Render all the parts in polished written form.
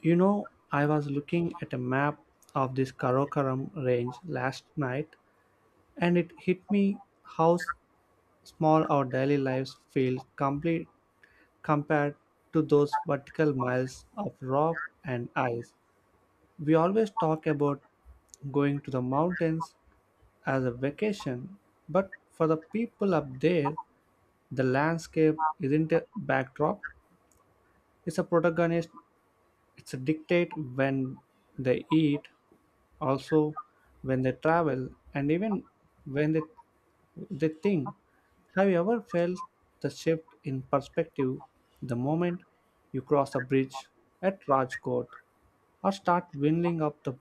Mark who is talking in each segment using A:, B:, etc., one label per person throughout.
A: I was looking at a map of this Karakoram range last night, and it hit me how small our daily lives feel complete compared to those vertical miles of rock and ice. We always talk about going to the mountains as a vacation, but for the people up there, the landscape isn't a backdrop, it's a protagonist, it's a dictate when they eat, also when they travel, and even when they think. Have you ever felt the shift in perspective the moment you cross a bridge at Rajkot or start winding up the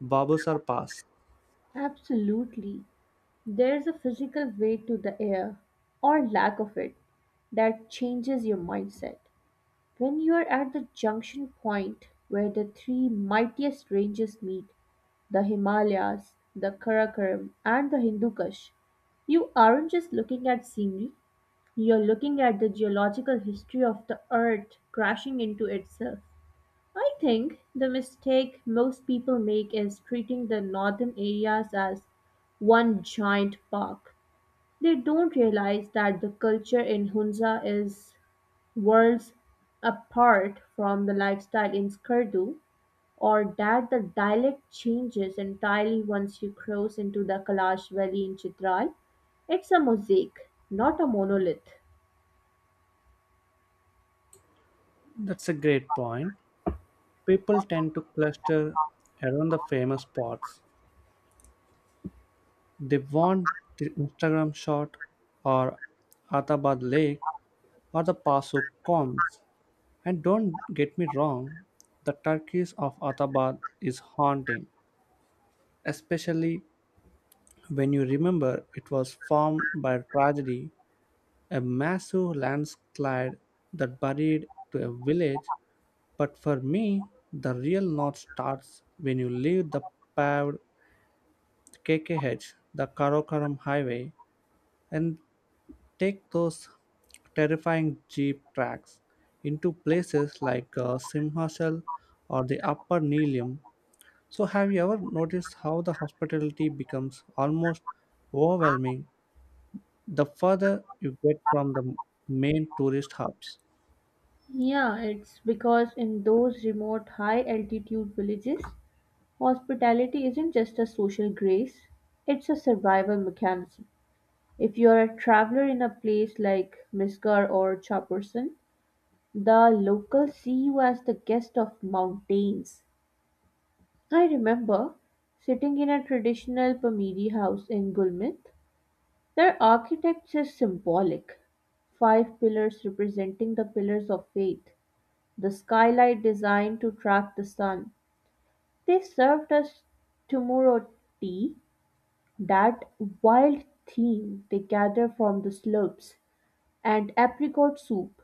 A: Babusar Pass?
B: Absolutely. There's a physical weight to the air, or lack of it, that changes your mindset. When you are at the junction point where the three mightiest ranges meet, the Himalayas, the Karakoram, and the Hindu Kush, you aren't just looking at scenery, you're looking at the geological history of the earth crashing into itself. I think the mistake most people make is treating the northern areas as one giant park. They don't realize that the culture in Hunza is worlds apart from the lifestyle in Skardu, or that the dialect changes entirely once you cross into the Kalash Valley in Chitral. It's a mosaic, not a monolith.
A: That's a great point. People tend to cluster around the famous spots. They want the Instagram shot, or Atabad Lake, or the Pasuk combs. And don't get me wrong, the turkeys of Athabad is haunting, especially when you remember it was formed by tragedy, a massive landslide that buried to a village. But for me, the real north starts when you leave the paved KKH, the Karakoram Highway, and take those terrifying jeep tracks into places like Simhachal or the Upper Nelium. So, have you ever noticed how the hospitality becomes almost overwhelming the further you get from the main tourist hubs?
B: Yeah, it's because in those remote high altitude villages, hospitality isn't just a social grace, it's a survival mechanism. If you're a traveler in a place like Misgar or Chaporsan, the locals see you as the guest of mountains. I remember sitting in a traditional Pamiri house in Gulmit. Their architecture is symbolic, five pillars representing the pillars of faith, the skylight designed to track the sun. They served us tomorrow tea. That wild theme they gather from the slopes, and apricot soup.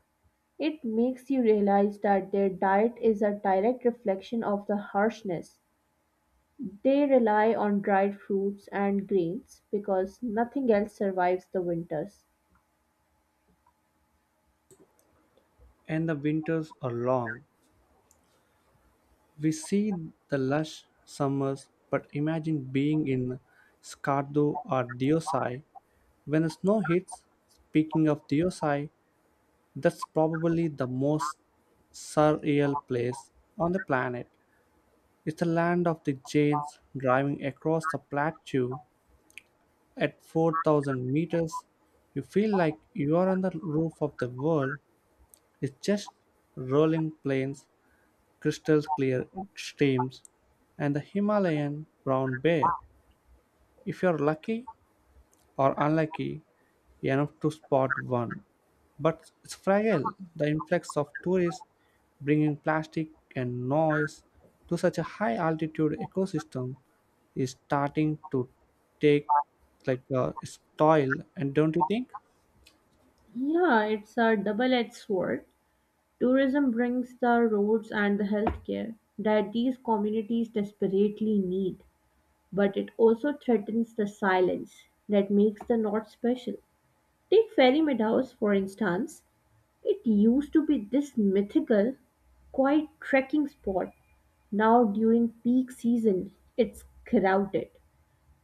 B: It makes you realize that their diet is a direct reflection of the harshness. They rely on dried fruits and grains because nothing else survives the winters.
A: And the winters are long. We see the lush summers, but imagine being in Skardu or Diosai when the snow hits. Speaking of Diosai, that's probably the most surreal place on the planet. It's the land of the Jains driving across the plateau. At 4,000 meters, you feel like you are on the roof of the world. It's just rolling plains, crystal clear streams, and the Himalayan brown bear. If you're lucky, are unlucky enough to spot one. But it's fragile. The influx of tourists bringing plastic and noise to such a high altitude ecosystem is starting to take like its toll. And don't you think?
B: Yeah, it's a double edged sword. Tourism brings the roads and the healthcare that these communities desperately need, but it also threatens the silence that makes the North special. Take Fairy Meadows, for instance. It used to be this mythical, quiet trekking spot. Now, during peak season, it's crowded.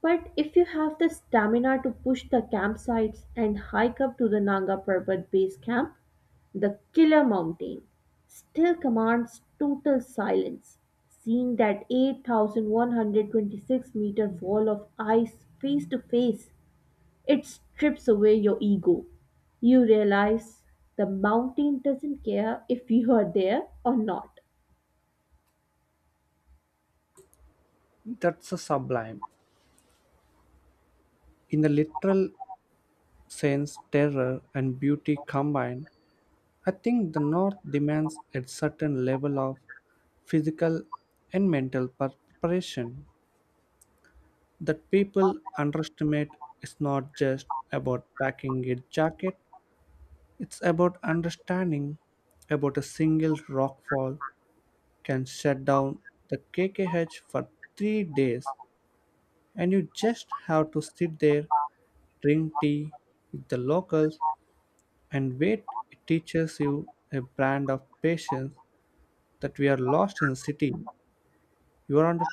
B: But if you have the stamina to push the campsites and hike up to the Nanga Parbat base camp, the killer mountain still commands total silence. Seeing that 8,126 meter wall of ice face to face, it strips away your ego. You realize the mountain doesn't care if you are there or not.
A: That's a sublime. In the literal sense, terror and beauty combined, I think the North demands a certain level of physical and mental preparation that people underestimate. Is not just about packing a jacket, it's about understanding about a single rockfall can shut down the KKH for 3 days, and you just have to sit there, drink tea with the locals, and wait. It teaches you a brand of patience that we are lost in the city. You are on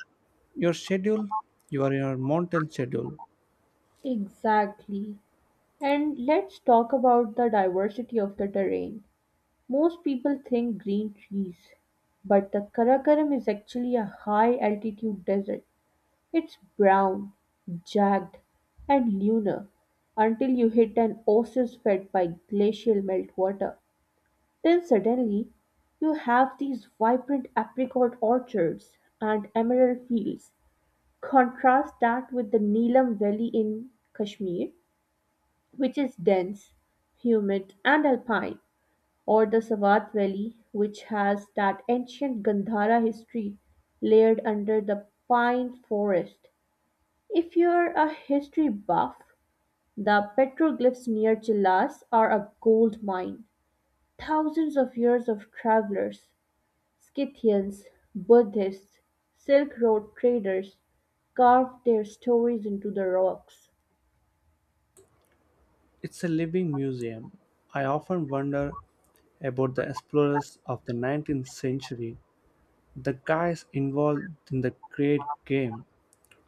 A: your schedule, you are in your mountain schedule.
B: Exactly. And let's talk about the diversity of the terrain. Most people think green trees, but the Karakoram is actually a high altitude desert. It's brown, jagged, and lunar until you hit an oasis fed by glacial meltwater. Then suddenly you have these vibrant apricot orchards and emerald fields. Contrast that with the Neelam Valley in Kashmir, which is dense, humid, and alpine, or the Sawat Valley, which has that ancient Gandhara history layered under the pine forest. If you're a history buff, the petroglyphs near Chilas are a gold mine. Thousands of years of travelers, Scythians, Buddhists, Silk Road traders carved their stories into the rocks.
A: It's a living museum. I often wonder about the explorers of the 19th century, the guys involved in the great game.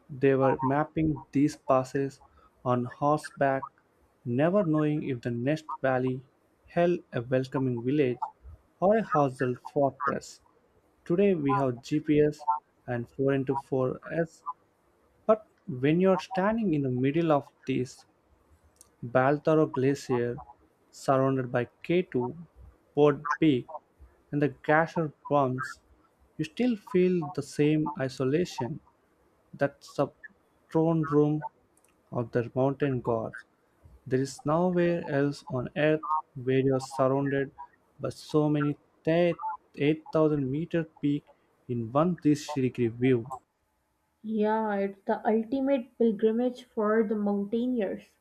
A: They were mapping these passes on horseback, never knowing if the next valley held a welcoming village or a hostile fortress. Today we have GPS and 4 into four S, but when you're standing in the middle of these Baltoro Glacier, surrounded by K2, Boat Peak, and the Gasher Bumps, you still feel the same isolation. That's the throne room of the mountain gods. There is nowhere else on earth where you are surrounded by so many 8,000 meter peak in one 360 degree view.
B: Yeah, it's the ultimate pilgrimage for the mountaineers.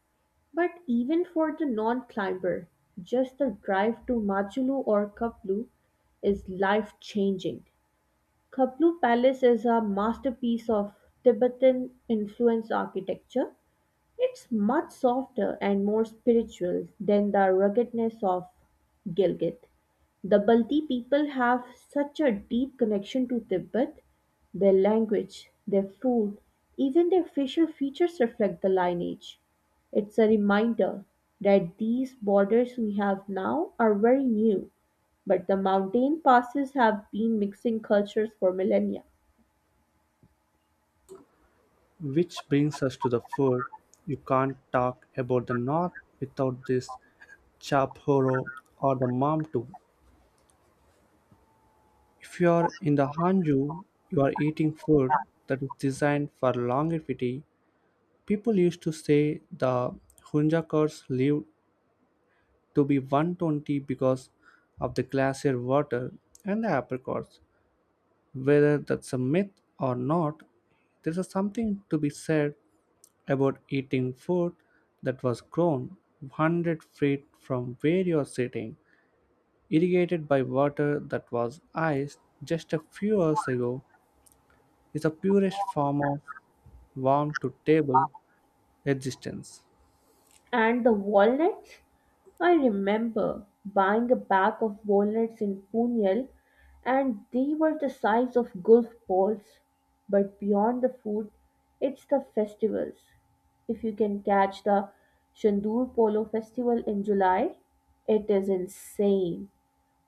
B: But even for the non climber, just the drive to Majulu or Kaplu is life changing. Kaplu Palace is a masterpiece of Tibetan influence architecture. It's much softer and more spiritual than the ruggedness of Gilgit. The Balti people have such a deep connection to Tibet. Their language, their food, even their facial features reflect the lineage. It's a reminder that these borders we have now are very new, but the mountain passes have been mixing cultures for millennia.
A: Which brings us to the food. You can't talk about the North without this chaphoro or the mamtu. If you are in the Hanju, you are eating food that is designed for longevity. People used to say the Hunjakars lived to be 120 because of the glacier water and the apricots. Whether that's a myth or not, there is something to be said about eating food that was grown 100 feet from where you are sitting, irrigated by water that was iced just a few hours ago, is the purest form of warm to table existence.
B: And the walnuts? I remember buying a bag of walnuts in Pune and they were the size of golf balls. But beyond the food, it's the festivals. If you can catch the Shandur Polo Festival in July, it is insane.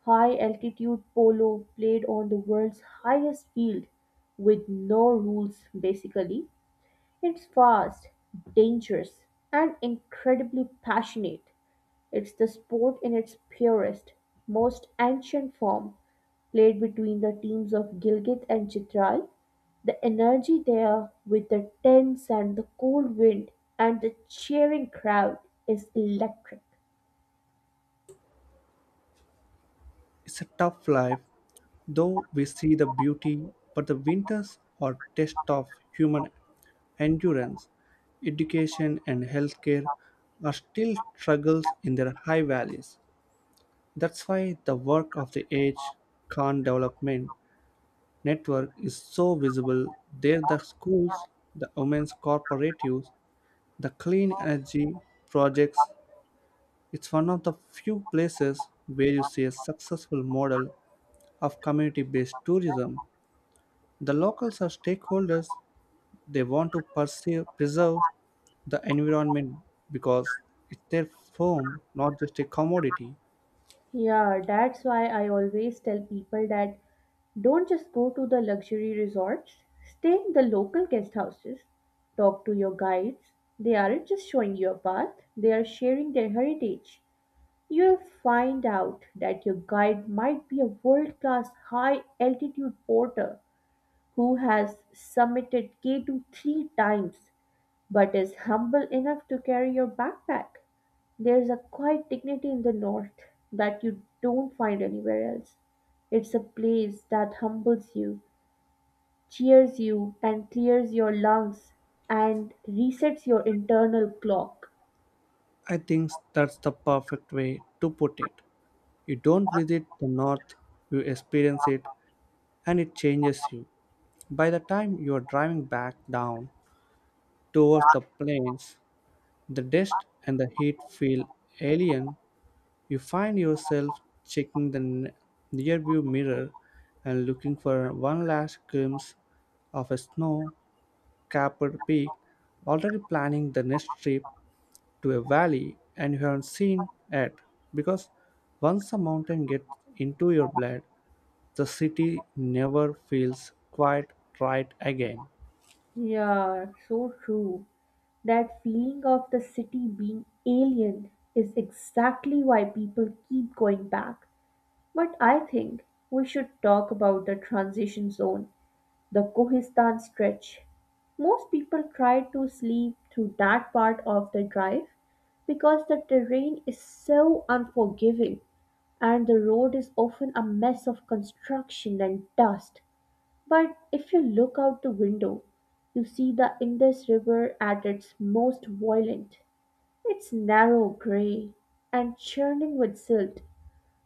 B: High altitude polo played on the world's highest field with no rules basically. It's fast, dangerous, and incredibly passionate. It's the sport in its purest, most ancient form, played between the teams of Gilgit and Chitral. The energy there, with the tents and the cold wind and the cheering crowd, is electric.
A: It's a tough life, though we see the beauty, but the winters are test of human endurance, education, and healthcare are still struggles in their high valleys. That's why the work of the Age Khan Development Network is so visible. There, the schools, the women's cooperatives, the clean energy projects. It's one of the few places where you see a successful model of community based tourism. The locals are stakeholders, they want to perceive, preserve the environment because it's their home, not just a commodity.
B: Yeah, that's why I always tell people that don't just go to the luxury resorts, stay in the local guest houses, talk to your guides. They aren't just showing you a path, they are sharing their heritage. You'll find out that your guide might be a world class high altitude porter who has summited K2 three times but is humble enough to carry your backpack. There's a quiet dignity in the North that you don't find anywhere else. It's a place that humbles you, cheers you, and clears your lungs and resets your internal clock.
A: I think that's the perfect way to put it. You don't visit the north, you experience it, and it changes you. By the time you are driving back down towards the plains, the dust and the heat feel alien. You find yourself checking the rearview mirror and looking for one last glimpse of a snow capped peak, already planning the next trip to a valley and you haven't seen it, because once a mountain gets into your blood, the city never feels quite right again.
B: Yeah, so true. That feeling of the city being alien is exactly why people keep going back. But I think we should talk about the transition zone, the Kohistan Stretch. Most people try to sleep through that part of the drive because the terrain is so unforgiving and the road is often a mess of construction and dust. But if you look out the window, you see the Indus River at its most violent. It's narrow, grey, and churning with silt.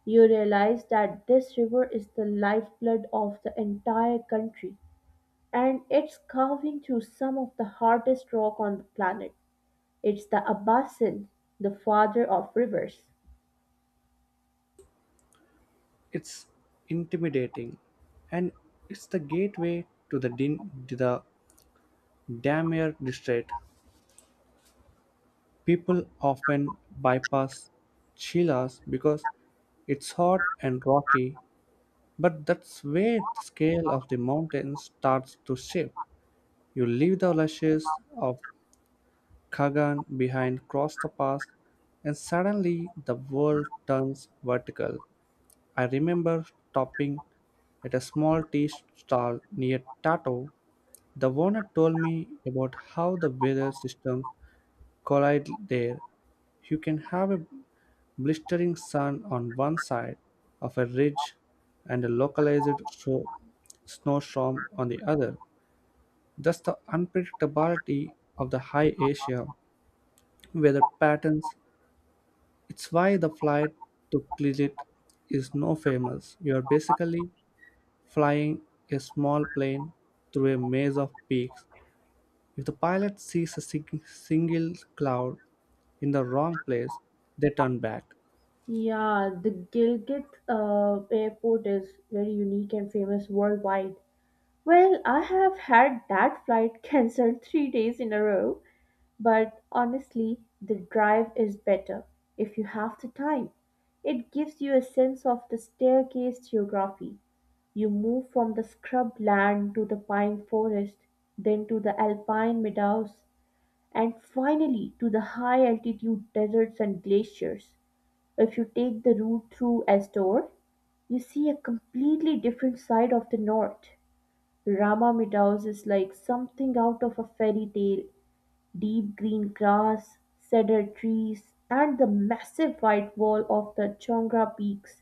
B: You realize that this river is the lifeblood of the entire country and it's carving through some of the hardest rock on the planet. It's the Abbasid, the father of rivers.
A: It's intimidating, and it's the gateway to the Damier district. People often bypass Chilas because it's hot and rocky, but that's where the scale of the mountains starts to shift. You leave the lashes of Kagan behind, cross the pass, and suddenly the world turns vertical. I remember stopping at a small tea stall near Tato. The owner told me about how the weather systems collide there. You can have a blistering sun on one side of a ridge and a localized snowstorm on the other. Thus, the unpredictability of the high Asia weather patterns. It's why the flight to Clilit is no famous. You are basically flying a small plane through a maze of peaks. If the pilot sees a single cloud in the wrong place, they turn back.
B: Yeah, the Gilgit airport is very unique and famous worldwide. Well, I have had that flight cancelled three days in a row. But honestly, the drive is better if you have the time. It gives you a sense of the staircase geography. You move from the scrub land to the pine forest, then to the alpine meadows, and finally to the high altitude deserts and glaciers. If you take the route through Astor, you see a completely different side of the north. Rama Meadows is like something out of a fairy tale. Deep green grass, cedar trees, and the massive white wall of the Chongra Peaks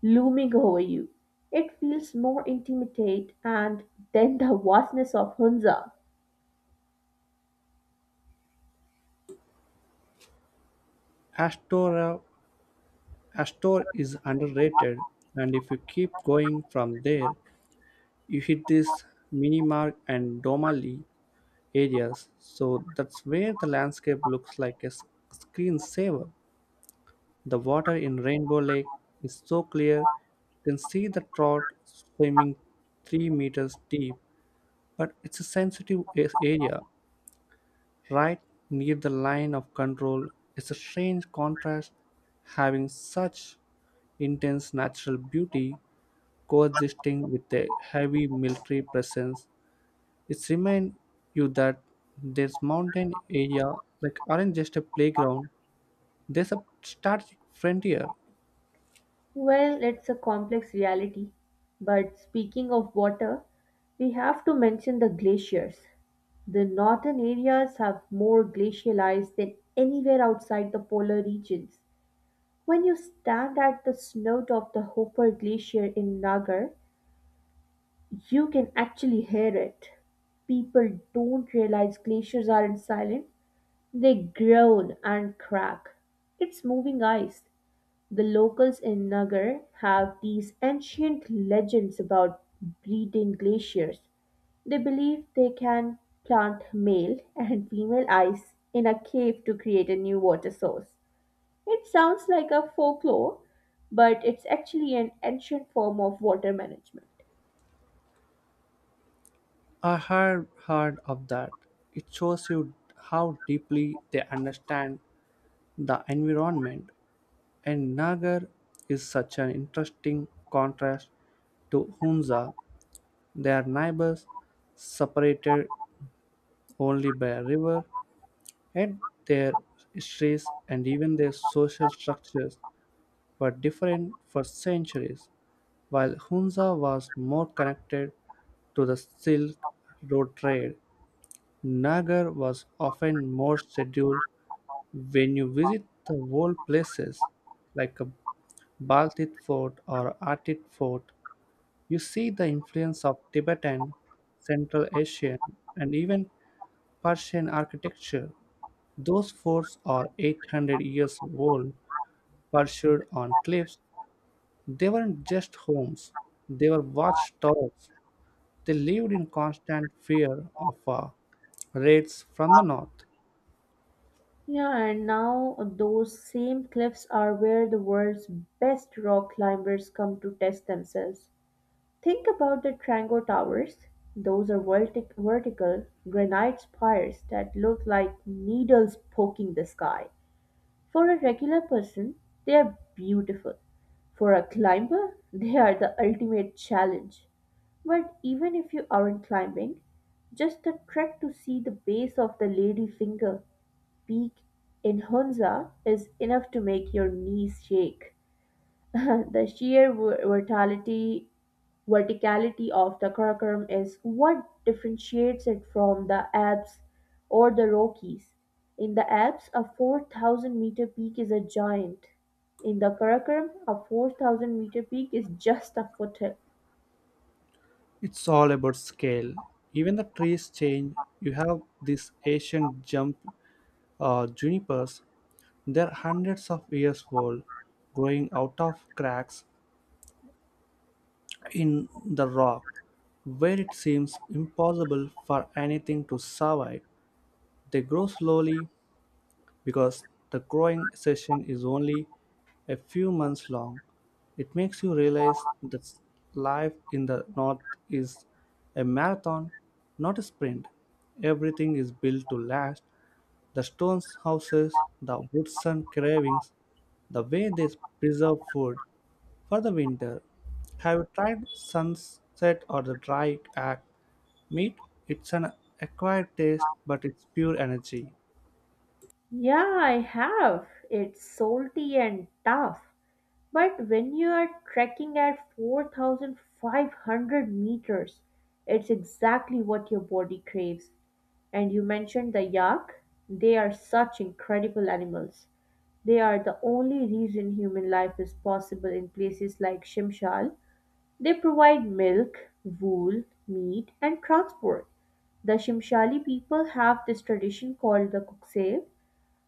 B: looming over you. It feels more intimate and than the vastness of Hunza.
A: Astora, Astor is underrated, and if you keep going from there, you hit this Minimark and Domali areas. So that's where the landscape looks like a screensaver. The water in Rainbow Lake is so clear you can see the trout swimming 3 meters deep, but it's a sensitive area right near the line of control. It's a strange contrast having such intense natural beauty coexisting with a heavy military presence. It reminds you that this mountain area like aren't just a playground, there's a strategic frontier.
B: Well, it's a complex reality. But speaking of water, we have to mention the glaciers. The northern areas have more glacial ice than anywhere outside the polar regions. When you stand at the snout of the Hooper Glacier in Nagar, you can actually hear it. People don't realize glaciers aren't silent, they groan and crack. It's moving ice. The locals in Nagar have these ancient legends about breeding glaciers. They believe they can plant male and female ice in a cave to create a new water source. It sounds like a folklore, but it's actually an ancient form of water management.
A: I had heard of that. It shows you how deeply they understand the environment, and Nagar is such an interesting contrast to Hunza. Their neighbors, separated only by a river, and their histories and even their social structures were different for centuries. While Hunza was more connected to the Silk Road trade, Nagar was often more scheduled. When you visit the old places like a Baltit fort or Artit fort, you see the influence of Tibetan, Central Asian, and even Persian architecture. Those forts are 800 years old, perched on cliffs. They weren't just homes, they were watchtowers. They lived in constant fear of raids from the north.
B: Yeah, and now those same cliffs are where the world's best rock climbers come to test themselves. Think about the Trango Towers. Those are vertical granite spires that look like needles poking the sky. For a regular person, they are beautiful. For a climber, they are the ultimate challenge. But even if you aren't climbing, just the trek to see the base of the lady finger peak in Hunza is enough to make your knees shake. The sheer vertality, verticality of the Karakoram is what differentiates it from the Alps or the Rockies. In the Alps, a 4,000 meter peak is a giant. In the Karakoram, a 4,000 meter peak is just a foothill.
A: It's all about scale. Even the trees change. You have these ancient jump junipers. They're hundreds of years old, growing out of cracks in the rock, where it seems impossible for anything to survive. They grow slowly, because the growing session is only a few months long. It makes you realize that life in the North is a marathon, not a sprint. Everything is built to last. The stone houses, the wooden carvings, the way they preserve food for the winter. Have you tried sunset or the dry act meat? It's an acquired taste, but it's pure energy.
B: Yeah, I have. It's salty and tough. But when you are trekking at 4,500 meters, it's exactly what your body craves. And you mentioned the yak. They are such incredible animals. They are the only reason human life is possible in places like Shimshal. They provide milk, wool, meat, and transport. The Shimshali people have this tradition called the Kukse,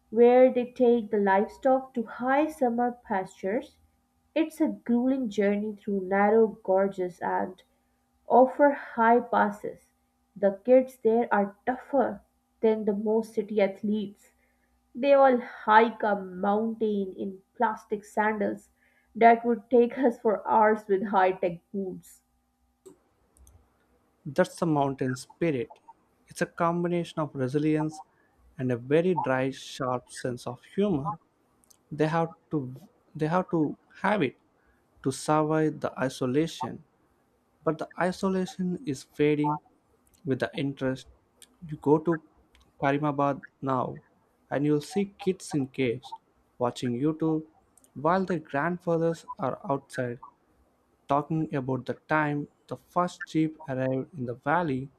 B: where they take the livestock to high summer pastures. It's a grueling journey through narrow gorges and over high passes. The kids there are tougher than the most city athletes. They all hike a mountain in plastic sandals that would take us for hours with high tech boots.
A: That's the mountain spirit. It's a combination of resilience and a very dry, sharp sense of humor. They have to they have to have it to survive the isolation. But the isolation is fading with the interest. You go to Karimabad now and you'll see kids in caves watching YouTube while their grandfathers are outside talking about the time the first jeep arrived in the valley.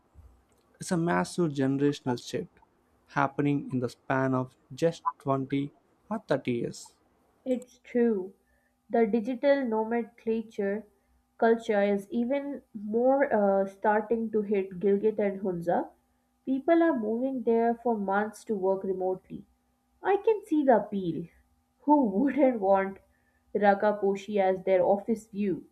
A: It's a massive generational shift happening in the span of just 20 or 30 years.
B: It's true. The digital nomenclature culture is even more starting to hit Gilgit and Hunza. People are moving there for months to work remotely. I can see the appeal. Who wouldn't want Rakaposhi as their office view?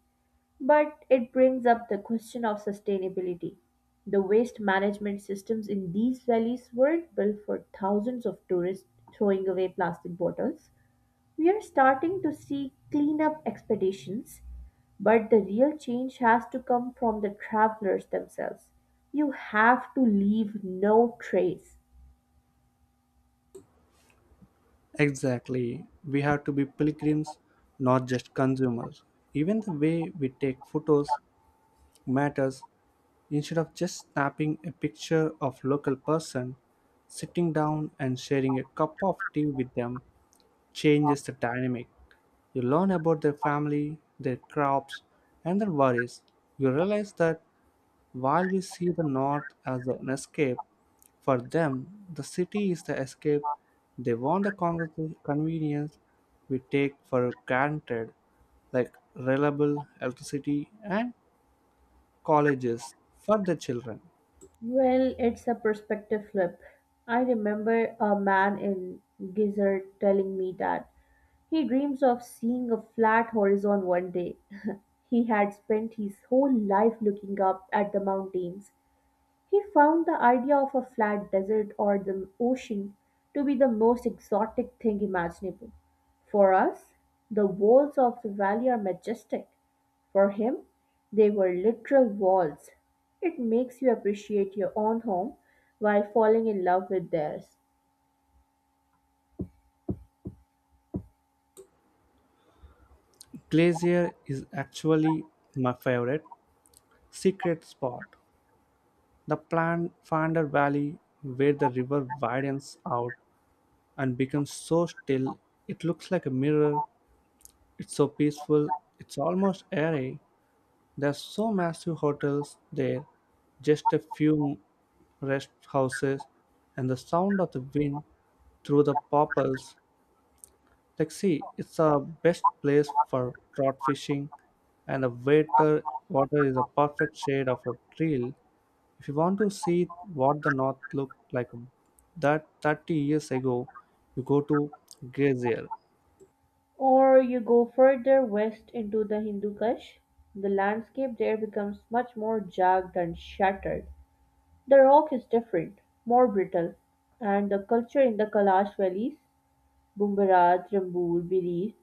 B: But it brings up the question of sustainability. The waste management systems in these valleys weren't built for thousands of tourists throwing away plastic bottles. We are starting to see cleanup expeditions, but the real change has to come from the travelers themselves. You have to leave no trace.
A: Exactly. We have to be pilgrims, not just consumers. Even the way we take photos matters. Instead of just snapping a picture of local person, sitting down and sharing a cup of tea with them changes the dynamic. You learn about their family, their crops, and their worries. You realize that while we see the North as an escape, for them the city is the escape. They want the convenience we take for granted, like reliable electricity and colleges for the children.
B: Well, it's a perspective flip. I remember a man in Gizzard telling me that he dreams of seeing a flat horizon one day. He had spent his whole life looking up at the mountains. He found the idea of a flat desert or the ocean to be the most exotic thing imaginable. For us, the walls of the valley are majestic. For him, they were literal walls. It makes you appreciate your own home while falling in love with theirs.
A: Glacier is actually my favorite secret spot. The plan Finder Valley, where the river widens out and becomes so still, it looks like a mirror. It's so peaceful, it's almost airy. There's so massive hotels there, just a few rest houses, and the sound of the wind through the popples. Like, see, it's a best place for trout fishing, and the water is a perfect shade of a trail. If you want to see what the north looked like that 30 years ago, you go to Gezer.
B: Or you go further west into the Hindu Kush, the landscape there becomes much more jagged and shattered. The rock is different, more brittle, and the culture in the Kailash valleys, Bumbaraj, Rambul, Biri,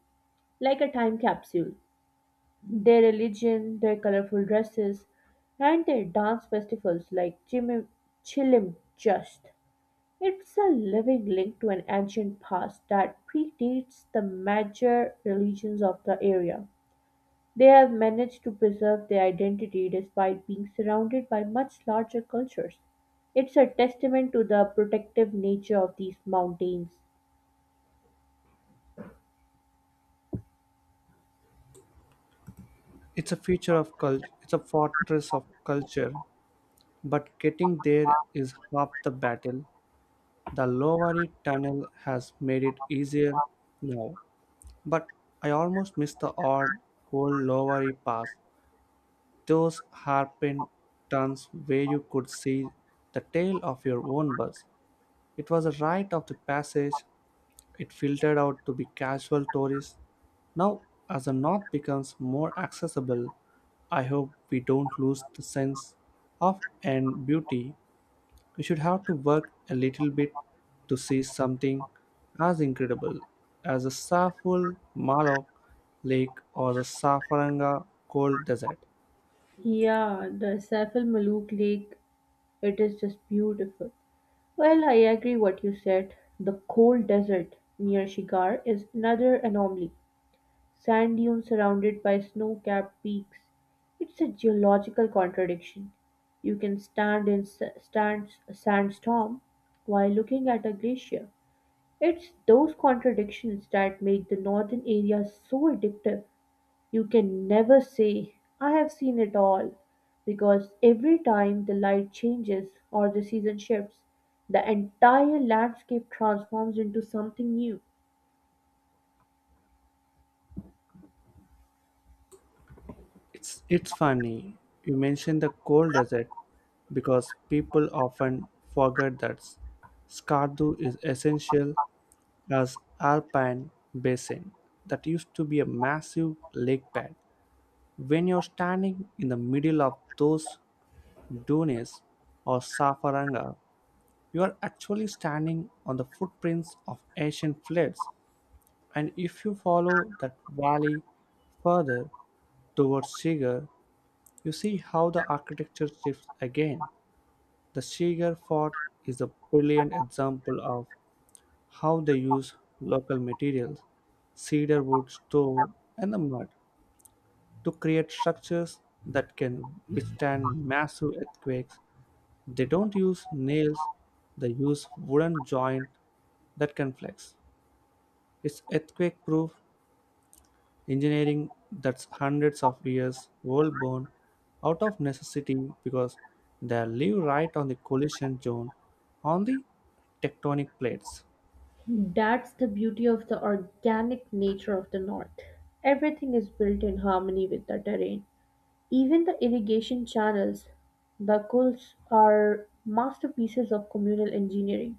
B: like a time capsule. Their religion, their colorful dresses, and their dance festivals like Chimim, Chilim Just. It's a living link to an ancient past that predates the major religions of the area. They have managed to preserve their identity despite being surrounded by much larger cultures. It's a testament to the protective nature of these mountains.
A: It's a feature of culture. It's a fortress of culture. But getting there is half the battle. The Lowari Tunnel has made it easier now. But I almost missed the odd old Lowari Pass, those hairpin turns where you could see the tail of your own bus. It was a rite of the passage. It filtered out to be casual tourists. Now, as the north becomes more accessible, I hope we don't lose the sense of and beauty. You should have to work a little bit to see something as incredible as the Saful Malok Lake or the Safaranga Cold Desert.
B: Yeah, the Saiful Maluk Lake, it is just beautiful. Well, I agree what you said. The cold desert near Shigar is another anomaly. Sand dunes surrounded by snow-capped peaks. It's a geological contradiction. You can stand a sandstorm while looking at a glacier. It's those contradictions that make the northern area so addictive. You can never say, I have seen it all, because every time the light changes or the season shifts, the entire landscape transforms into something new.
A: It's funny you mentioned the cold desert, because people often forget that Skardu is essential as alpine basin that used to be a massive lake bed. When you're standing in the middle of those dunes or Safaranga, you are actually standing on the footprints of ancient floods, and if you follow that valley further towards Shigar, you see how the architecture shifts again. The Shigar fort is a brilliant example of how they use local materials, cedar wood, stone, and the mud to create structures that can withstand massive earthquakes. They don't use nails, they use wooden joints that can flex. It's earthquake proof engineering that's hundreds of years old, born out of necessity because they live right on the collision zone on the tectonic plates.
B: That's the beauty of the organic nature of the North. Everything is built in harmony with the terrain. Even the irrigation channels, the kulls are masterpieces of communal engineering.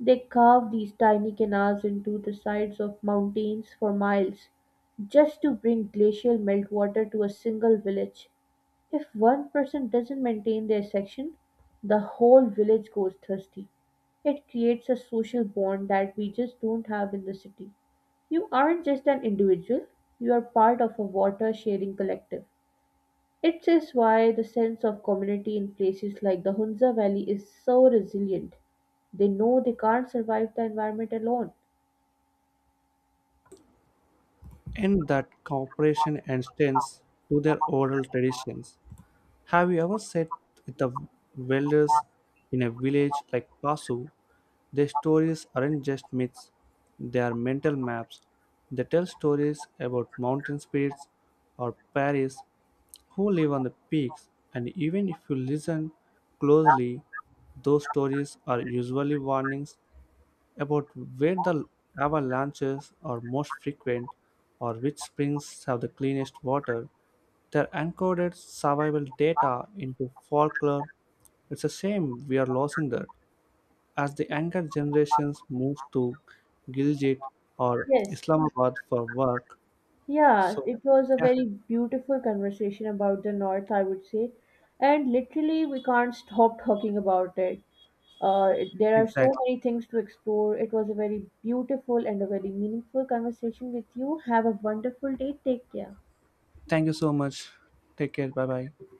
B: They carve these tiny canals into the sides of mountains for miles just to bring glacial meltwater to a single village. If one person doesn't maintain their section, the whole village goes thirsty. It creates a social bond that we just don't have in the city. You aren't just an individual, you are part of a water sharing collective. It is why the sense of community in places like the Hunza Valley is so resilient. They know they can't survive the environment alone.
A: And that cooperation extends to their oral traditions. Have you ever sat with the welders in a village like Pasu? Their stories aren't just myths, they are mental maps. They tell stories about mountain spirits or Paris who live on the peaks, and even if you listen closely, those stories are usually warnings about where the lava lanches are most frequent or which springs have the cleanest water. Their encoded survival data into folklore. It's a shame we are losing that, as the younger generations move to Gilgit or
B: Yes,
A: Islamabad for work.
B: yeah,
A: So,
B: it was a
A: yeah,
B: very beautiful conversation about the North, I would say. And literally, we can't stop talking about it. There are so
A: exactly.
B: many things to explore. It was a very beautiful and a very meaningful conversation with you. Have a wonderful day. Take care.
A: Thank you so much. Take care. Bye bye.